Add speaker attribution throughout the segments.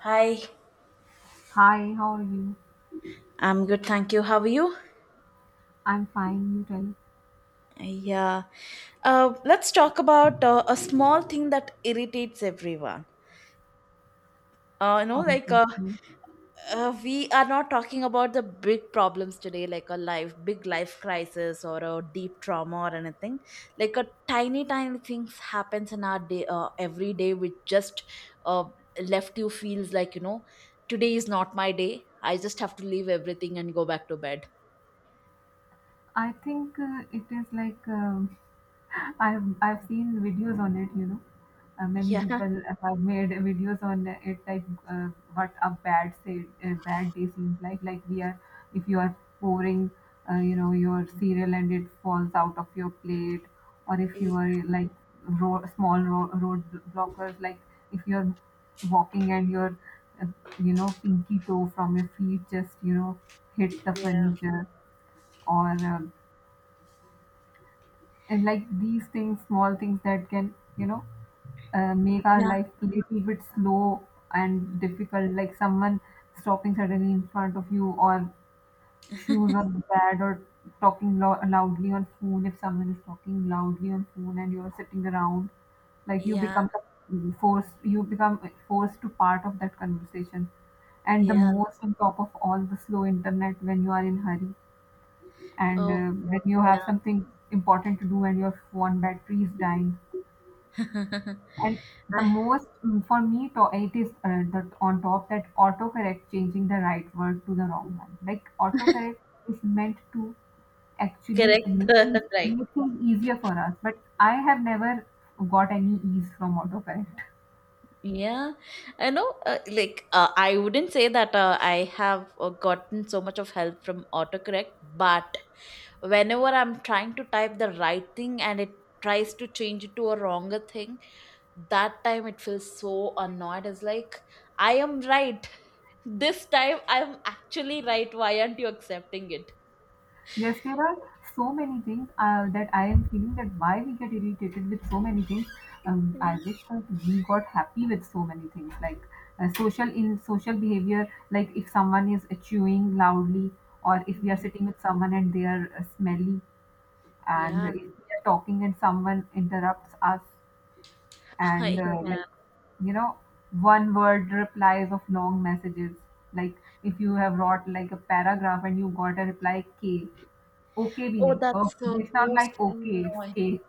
Speaker 1: Hi,
Speaker 2: Hi, how are you?
Speaker 1: I'm good, thank you. How are you?
Speaker 2: I'm fine, you tell.
Speaker 1: Yeah. Let's talk about a small thing that irritates everyone. Uh, you know, like
Speaker 2: Thank
Speaker 1: uh,
Speaker 2: you.
Speaker 1: we are not talking about the big problems today, like a life, big life crisis or a deep trauma or anything. Like a tiny, tiny things happens in our day, every day, which just uh, left you feels like today is not my day. I just have to leave everything and go back to bed.
Speaker 2: I think it is like I've seen videos on it. You know, many
Speaker 1: Yeah.
Speaker 2: people have made videos on it, like what a bad say a bad day seems like. Like we are, if you are pouring, your cereal and it falls out of your plate, or if
Speaker 1: Yeah.
Speaker 2: you are like road, small road, road blockers, like if you are walking and your, uh, pinky toe from your feet just you know hit the furniture or. And like these things small things that can make our
Speaker 1: Yeah.
Speaker 2: life a little bit slow and difficult, like someone stopping suddenly in front of you, or shoes on the pad, or talking loudly on phone. If someone is talking loudly on phone and you're sitting around, like you
Speaker 1: Yeah,
Speaker 2: become the forced you become forced to part of that conversation. And the
Speaker 1: yeah.
Speaker 2: most, on top of all, the slow internet when you are in hurry, and
Speaker 1: Oh, God,
Speaker 2: when you have something important to do and your phone battery is dying.
Speaker 1: yeah.
Speaker 2: And the
Speaker 1: I-
Speaker 2: most, for me to, it is that, on top, that autocorrect changing the right word to the wrong one. Like autocorrect is meant to actually
Speaker 1: Correct. Right.
Speaker 2: make things easier for us, but I have never got any ease from autocorrect.
Speaker 1: Yeah. I know, I wouldn't say that I have gotten so much of help from autocorrect, but whenever I'm trying to type the right thing and it tries to change it to a wronger thing, that time it feels so annoyed. It's like, I am right. This time I'm actually right. Why aren't you accepting it?
Speaker 2: Yes, there are so many things that I am feeling, that why we get irritated with so many things. I
Speaker 1: Yeah.
Speaker 2: wish that we got happy with so many things, like social behavior. Like if someone is chewing loudly, or if we are sitting with someone and they are smelly, and
Speaker 1: Yeah.
Speaker 2: if we are talking and someone interrupts us, and
Speaker 1: Yeah.
Speaker 2: you know one word replies of long messages. Like if you have wrote like a paragraph and you got a reply K. Okay,
Speaker 1: Oh,
Speaker 2: Vinay.
Speaker 1: that's
Speaker 2: Okay,
Speaker 1: the
Speaker 2: it's not like
Speaker 1: most
Speaker 2: okay, it's
Speaker 1: annoying.
Speaker 2: cake.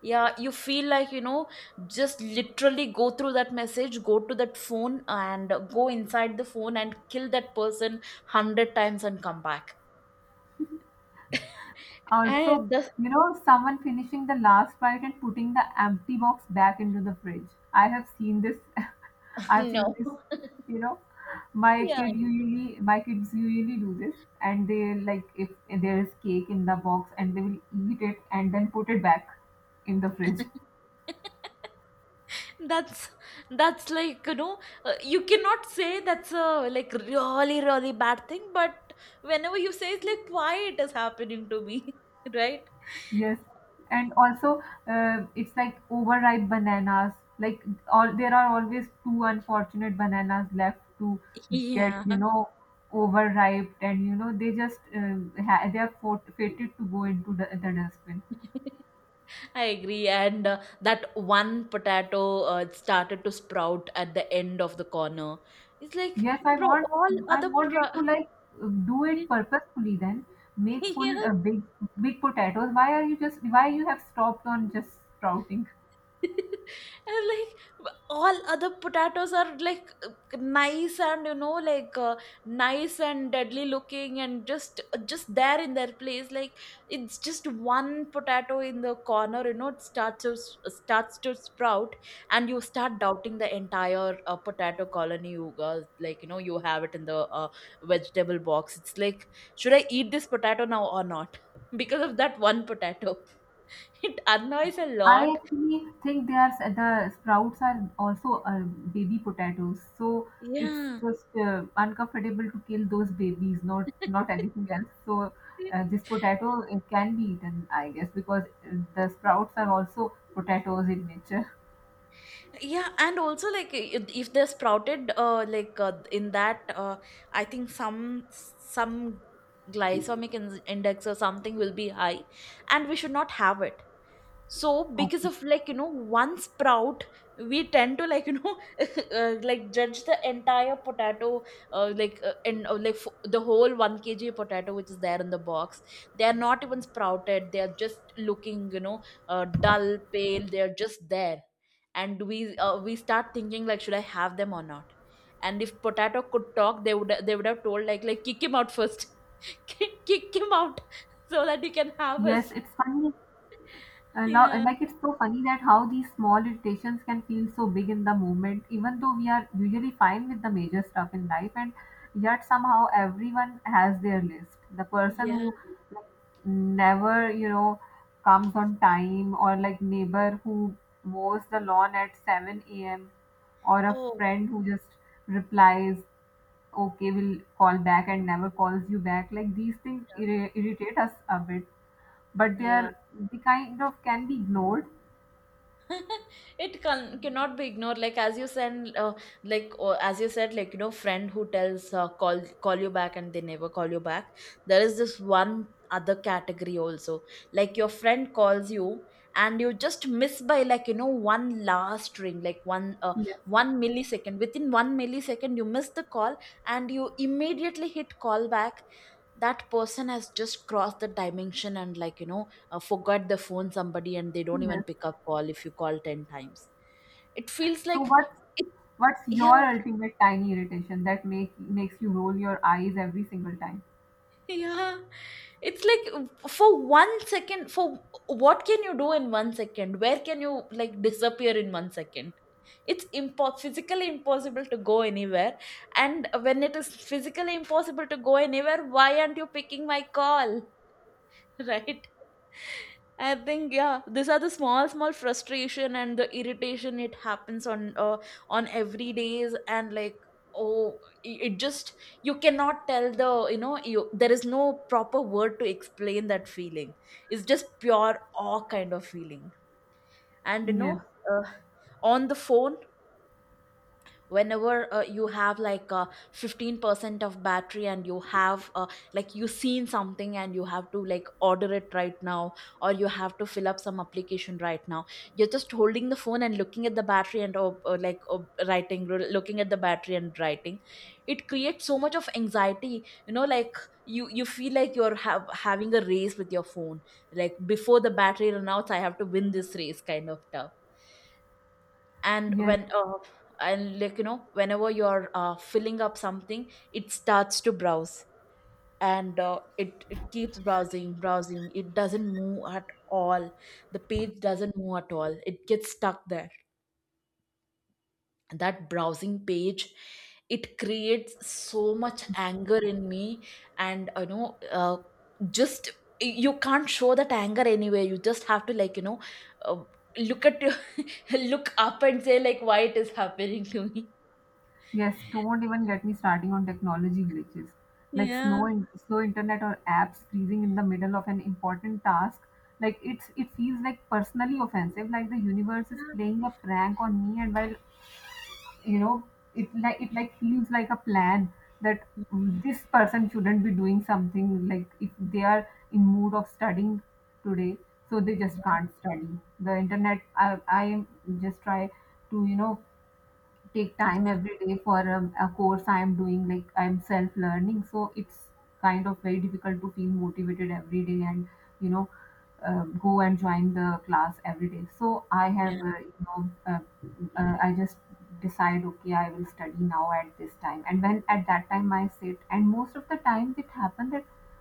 Speaker 1: Yeah, you feel like, just literally go through that message, go to that phone and go inside the phone and kill that person 100 times and come back.
Speaker 2: Also,
Speaker 1: And the,
Speaker 2: you know, someone finishing the last bite and putting the empty box back into the fridge. I have seen this. I've seen
Speaker 1: no.
Speaker 2: this. You know,
Speaker 1: Yeah.
Speaker 2: my kids usually do this, and they like, if there is cake in the box, and they will eat it and then put it back in the fridge.
Speaker 1: That's that's like you cannot say that's a like really really bad thing, but whenever you say it's like, why it is happening to me? Right.
Speaker 2: Yes, and also it's like overripe bananas. Like all there are always two unfortunate bananas left to get,
Speaker 1: Yeah.
Speaker 2: you know, overripe, and you know they just fated to go into the dustbin.
Speaker 1: I agree. And that one potato, it started to sprout at the end of the corner. It's like,
Speaker 2: Yes,
Speaker 1: bro, all
Speaker 2: I
Speaker 1: other.
Speaker 2: wanted
Speaker 1: Pro-
Speaker 2: to like do it purposefully. Then make full
Speaker 1: yes.
Speaker 2: big potatoes. Why you have stopped on just sprouting?
Speaker 1: and like all other potatoes are like nice and nice and deadly looking and just there in their place. Like it's just one potato in the corner, you know, it starts starts to sprout, and you start doubting the entire potato colony. You uh, like you know you have it in the vegetable box. It's like, should I eat this potato now or not? Because of that one potato. It annoys a
Speaker 2: I
Speaker 1: lot.
Speaker 2: actually think they are the sprouts are also baby potatoes, so it's
Speaker 1: Yeah.
Speaker 2: just uncomfortable to kill those babies, not anything else. So this potato, it can be eaten, I guess, because the sprouts are also potatoes in nature.
Speaker 1: Yeah, and also if they sprouted in that, I think some glycemic index or something will be high, and we should not have it. So because
Speaker 2: Okay.
Speaker 1: of one sprout, we tend to like judge the entire potato, the whole 1 kg potato which is there in the box. They are not even sprouted, they are just looking, dull pale, they are just there. And we start thinking like, should I have them or not? And if potato could talk, they would, they would have told like kick him out first. Kick kick him out, so that you can have
Speaker 2: Yes,
Speaker 1: us.
Speaker 2: it's funny. I lo- I
Speaker 1: Yeah,
Speaker 2: like It's so funny that how these small irritations can feel so big in the moment, even though we are usually fine with the major stuff in life, and yet somehow everyone has their list. The person
Speaker 1: yeah.
Speaker 2: who, like, never, you know, comes on time, or like neighbor who mows the lawn at 7 a.m., or a
Speaker 1: Oh,
Speaker 2: friend who just replies, "Okay, we'll call back," and never calls you back. Like these things
Speaker 1: yeah.
Speaker 2: irritate us a bit, but
Speaker 1: Yeah.
Speaker 2: they kind of can be ignored.
Speaker 1: It cannot be ignored. Like as you said, like, or as you said, like, you know, friend who tells call call you back, and they never call you back. There is this one other category also. Like your friend calls you, and you just miss by like, you know, one last ring, like
Speaker 2: Yes,
Speaker 1: one millisecond. Within one millisecond, you miss the call, and you immediately hit call back. That person has just crossed the dimension, and like, forgot the phone somebody, and they don't even
Speaker 2: yes.
Speaker 1: pick up call if you call 10 times. It feels
Speaker 2: So
Speaker 1: like
Speaker 2: what's
Speaker 1: it,
Speaker 2: what's
Speaker 1: yeah.
Speaker 2: your ultimate tiny irritation that makes you roll your eyes every single time?
Speaker 1: Yeah. It's like, for 1 second, for what can you do in 1 second? Where can you like disappear in 1 second? It's physically impossible to go anywhere. And when it is physically impossible to go anywhere, why aren't you picking my call? Right. I think, yeah, these are the small, small frustration and the irritation. It happens on every days, and like, oh, it just, you cannot tell the, you know, you, there is no proper word to explain that feeling. It's just pure awe kind of feeling. And
Speaker 2: Yes,
Speaker 1: uh, on the phone, whenever you have like 15% of battery, and you have like you seen something and you have to like order it right now, or you have to fill up some application right now, you're just holding the phone and looking at the battery, and looking at the battery and writing. It creates so much of anxiety, you know, like you feel like you're have, having a race with your phone, like before the battery run out, I have to win this race kind of stuff. And
Speaker 2: yes,
Speaker 1: when and like, you know, whenever you're filling up something, it starts to browse. And it, it keeps browsing browsing, it doesn't move at all. The page doesn't move at all, it gets stuck there, that browsing page. It creates so much anger in me. And just, you can't show that anger anywhere, you just have to like, uh, look at look up and say like, why it is happening to me.
Speaker 2: yes. Don't even get me starting on technology glitches, like
Speaker 1: Yeah.
Speaker 2: slow internet or apps freezing in the middle of an important task. Like it feels like personally offensive, like the universe is playing a prank on me. And while you know, it like feels like a plan that,
Speaker 1: Yeah.
Speaker 2: this person shouldn't be doing something. Like if they are in mood of studying today, so they just can't study the internet. I just try to, you know, take time
Speaker 1: Yeah.
Speaker 2: every day for a course I'm doing, like I'm self learning, so it's kind of very difficult to feel motivated every day and, you know, go and join the class every day. So I have,
Speaker 1: Yeah.
Speaker 2: I just decide, okay, I will study now at this time, and when at that time I sit, and most of the times it happens,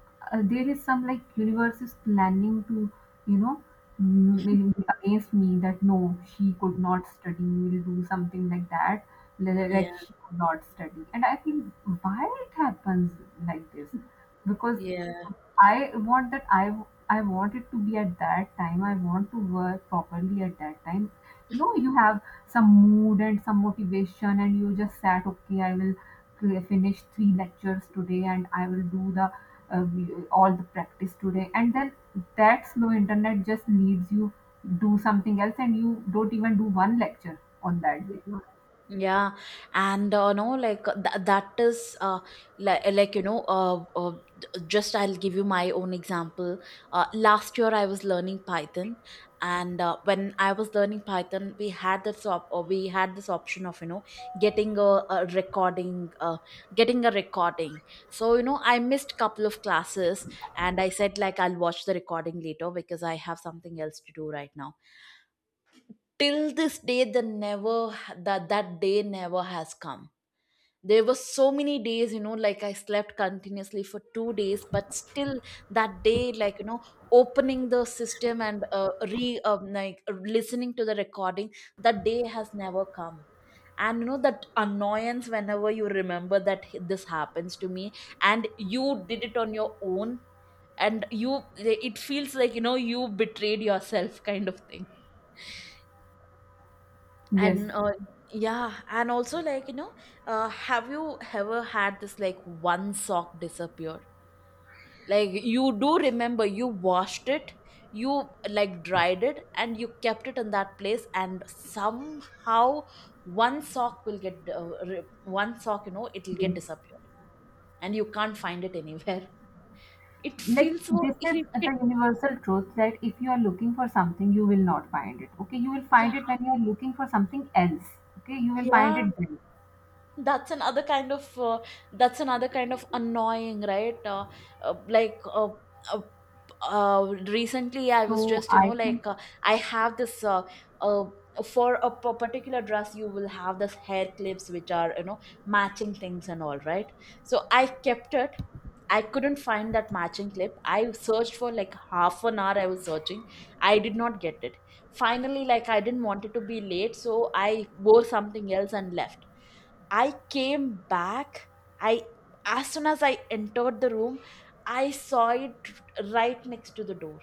Speaker 2: there is some, like universe is planning to, you know, against me, that no, she could not study, will do something like that,
Speaker 1: Yeah.
Speaker 2: she could not study. And I think why it happens like this, because
Speaker 1: Yeah.
Speaker 2: i want that i I want it to be at that time. I want to work properly at that time. You know, you have some mood and some motivation, and you just sat, okay, I will finish three lectures today, and I will do the all the practice today. And then that slow internet just needs you do something else, and you don't even do one lecture on that day.
Speaker 1: Yeah. Yeah, and no, like that is like, just I'll give you my own example. Last year I was learning Python, and when I was learning Python, we had this option of, you know, getting a recording, getting a recording. So you know, I missed couple of classes, and I said like, I'll watch the recording later because I have something else to do right now. Till this day, the never, that day never has come. There were so many days, you know, like I slept continuously for 2 days, but still that day, like, you know, opening the system and re like listening to the recording, that day has never come. And you know that annoyance, whenever you remember that this happens to me, and you did it on your own, and you, it feels like, you know, you betrayed yourself kind of thing.
Speaker 2: Yes,
Speaker 1: And yeah, and also like, you know, have you ever had this like one sock disappear? Like you do remember you washed it, you like dried it, and you kept it in that place, and somehow one sock will get one sock, you know, it'll
Speaker 2: yes.
Speaker 1: get disappeared, and you can't find it anywhere. It
Speaker 2: Like
Speaker 1: feels so
Speaker 2: this is the
Speaker 1: irritated.
Speaker 2: universal truth, that if you are looking for something, you will not find it. Okay, you will find it
Speaker 1: Yeah.
Speaker 2: when you are looking for something else. Okay, you will find
Speaker 1: Yeah,
Speaker 2: it then.
Speaker 1: that's another kind of uh, that's another kind of annoying, right? Uh, like uh, uh, Recently I was
Speaker 2: So
Speaker 1: just, you
Speaker 2: I
Speaker 1: know,
Speaker 2: think
Speaker 1: I have this uh, for a particular dress, you will have this hair clips which are, you know, matching things and all, right? So I kept it, I couldn't find that matching clip. I searched for like half an hour, I was searching, I did not get it. Finally, like, I didn't want it to be late, so I wore something else and left. I came back. I As soon as I entered the room, I saw it right next to the door.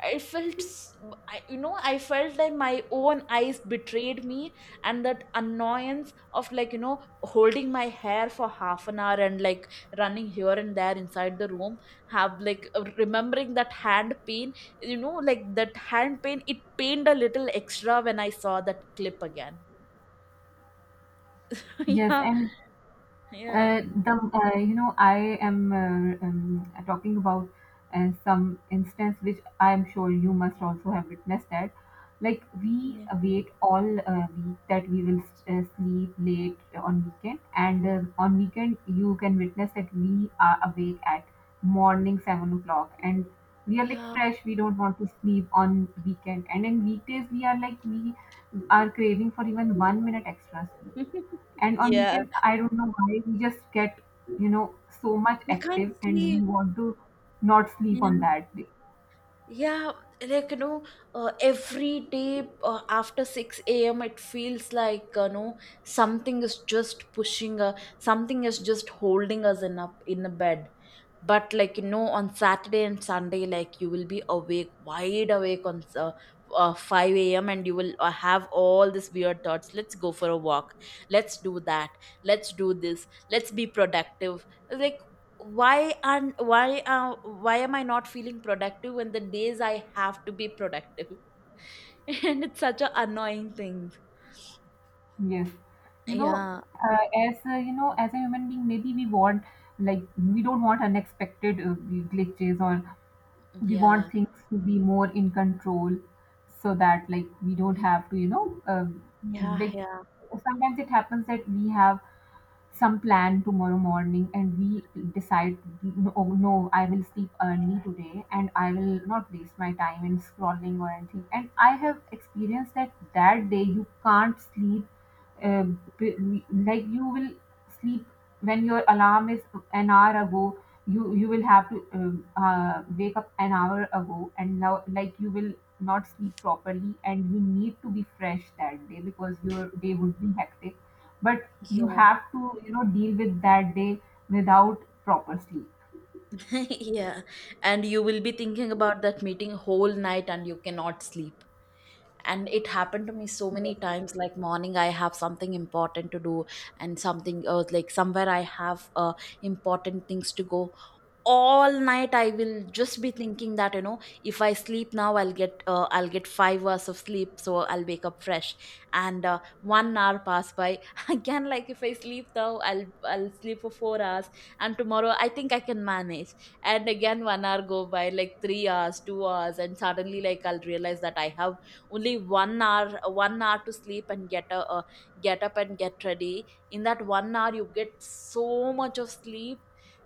Speaker 1: I felt, s- I, you know, I felt like my own eyes betrayed me. And that annoyance of, like, you know, holding my hair for half an hour and like running here and there inside the room, have like remembering that hand pain, you know, like that hand pain. It pained a little extra when I saw that clip again.
Speaker 2: yes,
Speaker 1: Yeah,
Speaker 2: and
Speaker 1: yeah,
Speaker 2: The you know, I am, talking about some instance which I am sure you must also have witnessed, that like we
Speaker 1: yeah.
Speaker 2: wait all week that we will sleep late on weekend. And on weekend you can witness that we are awake at morning 7 o'clock, and we are like
Speaker 1: Yeah,
Speaker 2: fresh, we don't want to sleep on weekend, and in weekdays we are like, we are craving for even 1 minute extra sleep. And on
Speaker 1: yeah,
Speaker 2: weekend, I don't know why we just get, you know, so much
Speaker 1: we can't
Speaker 2: active and we
Speaker 1: sleep.
Speaker 2: want to not sleep on
Speaker 1: Yeah.
Speaker 2: that day.
Speaker 1: Yeah, like, you know, every day after 6 a.m., it feels like, you know, something is just pushing, something is just holding us in a bed. But like, you know, on Saturday and Sunday, like you will be awake wide awake on 5 a.m, and you will have all these weird thoughts: let's go for a walk, let's do that, let's do this, let's be productive. Like, why and why why am I not feeling productive when the days I have to be productive? And it's such a annoying thing.
Speaker 2: Yes. You know,
Speaker 1: Yeah,
Speaker 2: as a human being, maybe we want, like we don't want unexpected glitches, or we want
Speaker 1: yeah,
Speaker 2: things to be more in control, so that like we don't have to, you know,
Speaker 1: yeah,
Speaker 2: like
Speaker 1: yeah,
Speaker 2: sometimes it happens that we have some plan tomorrow morning, and we decide, no, no, I will sleep early today and I will not waste my time in scrolling or anything. And I have experienced that that day you can't sleep. uh, b- like you will sleep when your alarm is an hour ago. You will have to, wake up an hour ago, and now like you will not sleep properly and you need to be fresh that day, because your day would be hectic, but you
Speaker 1: yeah.
Speaker 2: have to, you know, deal with that day without proper sleep.
Speaker 1: Yeah. And you will be thinking about that meeting whole night and you cannot sleep. And it happened to me so many
Speaker 2: Yes.
Speaker 1: times, like, morning I have something important to do, and something like somewhere I have important things to go. All night I will just be thinking that, you know, if I sleep now, I'll get 5 hours of sleep, so I'll wake up fresh. And 1 hour pass by. Again, like, if I sleep now, I'll sleep for 4 hours, and tomorrow I think I can manage. And again 1 hour go by, like 3 hours, 2 hours. And suddenly like, I'll realize that I have only 1 hour to sleep, and get a, get up and get ready in that 1 hour, you get so much of sleep.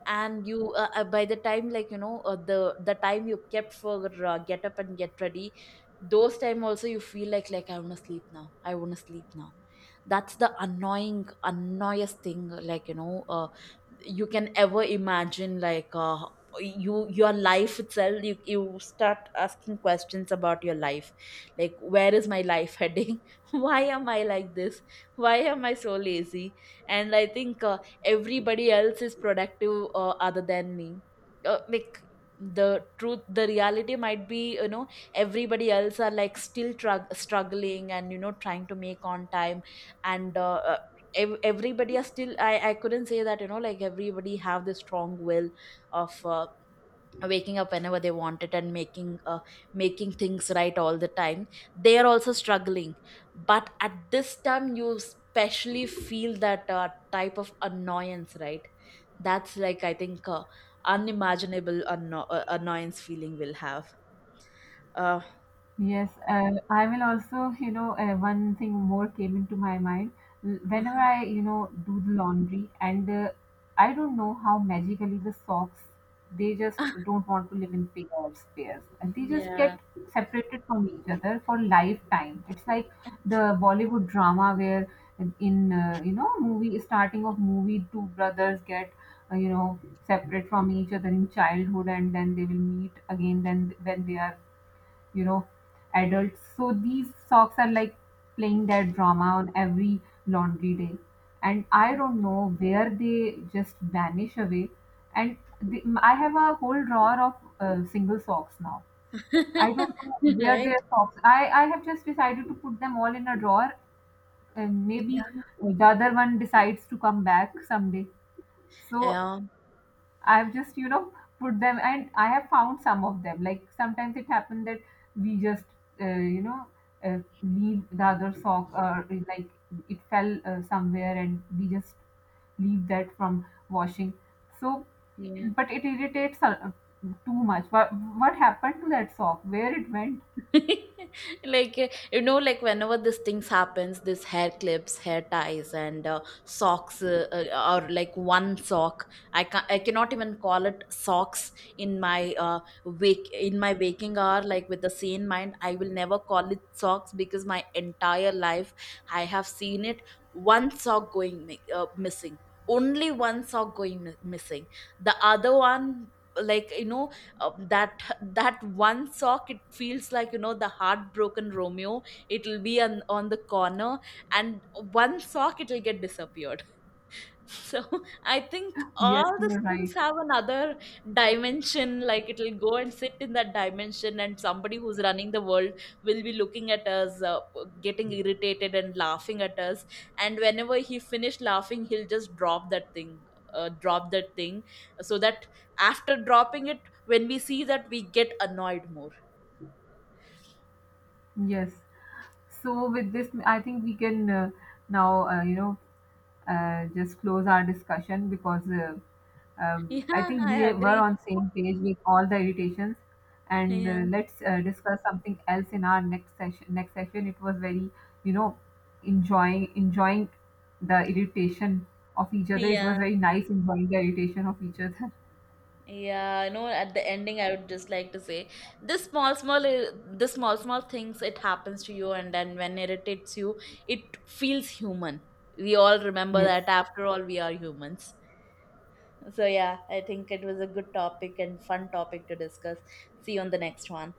Speaker 1: And you by the time, like, you know, the time you kept for get up and get ready, those time also you feel like I want to sleep now, I want to sleep now. That's the annoying annoyest thing, like, you know, you can ever imagine. Like, you your life itself, you start asking questions about your life, like, where is my life heading? Why am I like this? Why am I so lazy? And I think, everybody else is productive other than me. uh, like the truth, the reality might be, you know, everybody else are like still struggling, and you know, trying to make on time. And everybody are still, I couldn't say that, you know, like, everybody have this strong will of waking up whenever they want it, and making making things right all the time. They are also struggling. But at this time you especially feel that type of annoyance, right? That's like, I think, unimaginable annoyance feeling will have, uh,
Speaker 2: Yes, I will also, you know, one thing more came into my mind. Whenever
Speaker 1: uh-huh.
Speaker 2: I, you know, do the laundry, and I don't know how magically the socks, they just don't want to live in pair or pairs. And they just get
Speaker 1: Yeah.
Speaker 2: separated from each other for lifetime. It's like the Bollywood drama where, in, you know, movie, starting of movie, two brothers get, you know, separate from each other in childhood, and then they will meet again then, when they are, you know, adults. So these socks are like playing their drama on every laundry day, and I don't know where they just vanish away. And the, I have a whole drawer of single socks now. I don't know where
Speaker 1: Right.
Speaker 2: their socks. I have just decided to put them all in a drawer, and maybe the other one decides to come back someday. So
Speaker 1: Yeah,
Speaker 2: I've just, you know, put them, and I have found some of them. Like sometimes it happened that we just, uh, you know, leave the other sock, or like it fell somewhere, and we just leave that from washing. So,
Speaker 1: yeah.
Speaker 2: but it irritates too much. What happened to that sock? Where it went?
Speaker 1: Like, you know, like, whenever this things happens, this hair clips, hair ties, and socks, or like one sock. I can, I cannot even call it socks. In my waking hour, like with the sane mind, I will never call it socks, because my entire life I have seen it, one sock going missing, only one sock going missing. The other one, like, you know, um, that that one sock, it feels like, you know, the heartbroken Romeo, it'll be on the corner. And one sock, it'll get disappeared. So I think
Speaker 2: Yes,
Speaker 1: all these
Speaker 2: you're
Speaker 1: things
Speaker 2: right.
Speaker 1: have another dimension, like it'll go and sit in that dimension, and somebody who's running the world will be looking at us, getting irritated and laughing at us. And whenever he finished laughing, he'll just drop that thing, so that after dropping it, when we see that, we get annoyed more.
Speaker 2: Yes. So with this, I think we can, now, just close our discussion, because, I
Speaker 1: Yeah,
Speaker 2: think we
Speaker 1: I
Speaker 2: were
Speaker 1: agree.
Speaker 2: on same page with all the irritations. And
Speaker 1: Yeah,
Speaker 2: let's discuss something else in our next session. Next session, it was very, you know, enjoying the irritation of each other. It was
Speaker 1: yeah.
Speaker 2: very nice enjoying the irritation of each other.
Speaker 1: Yeah, you know, at the ending, I would just like to say, this small, small, the small, small things, it happens to you, and then when it irritates you, it feels human. We all remember
Speaker 2: Yes.
Speaker 1: that after all, we are humans. So, yeah, I think it was a good topic and fun topic to discuss. See you on the next one.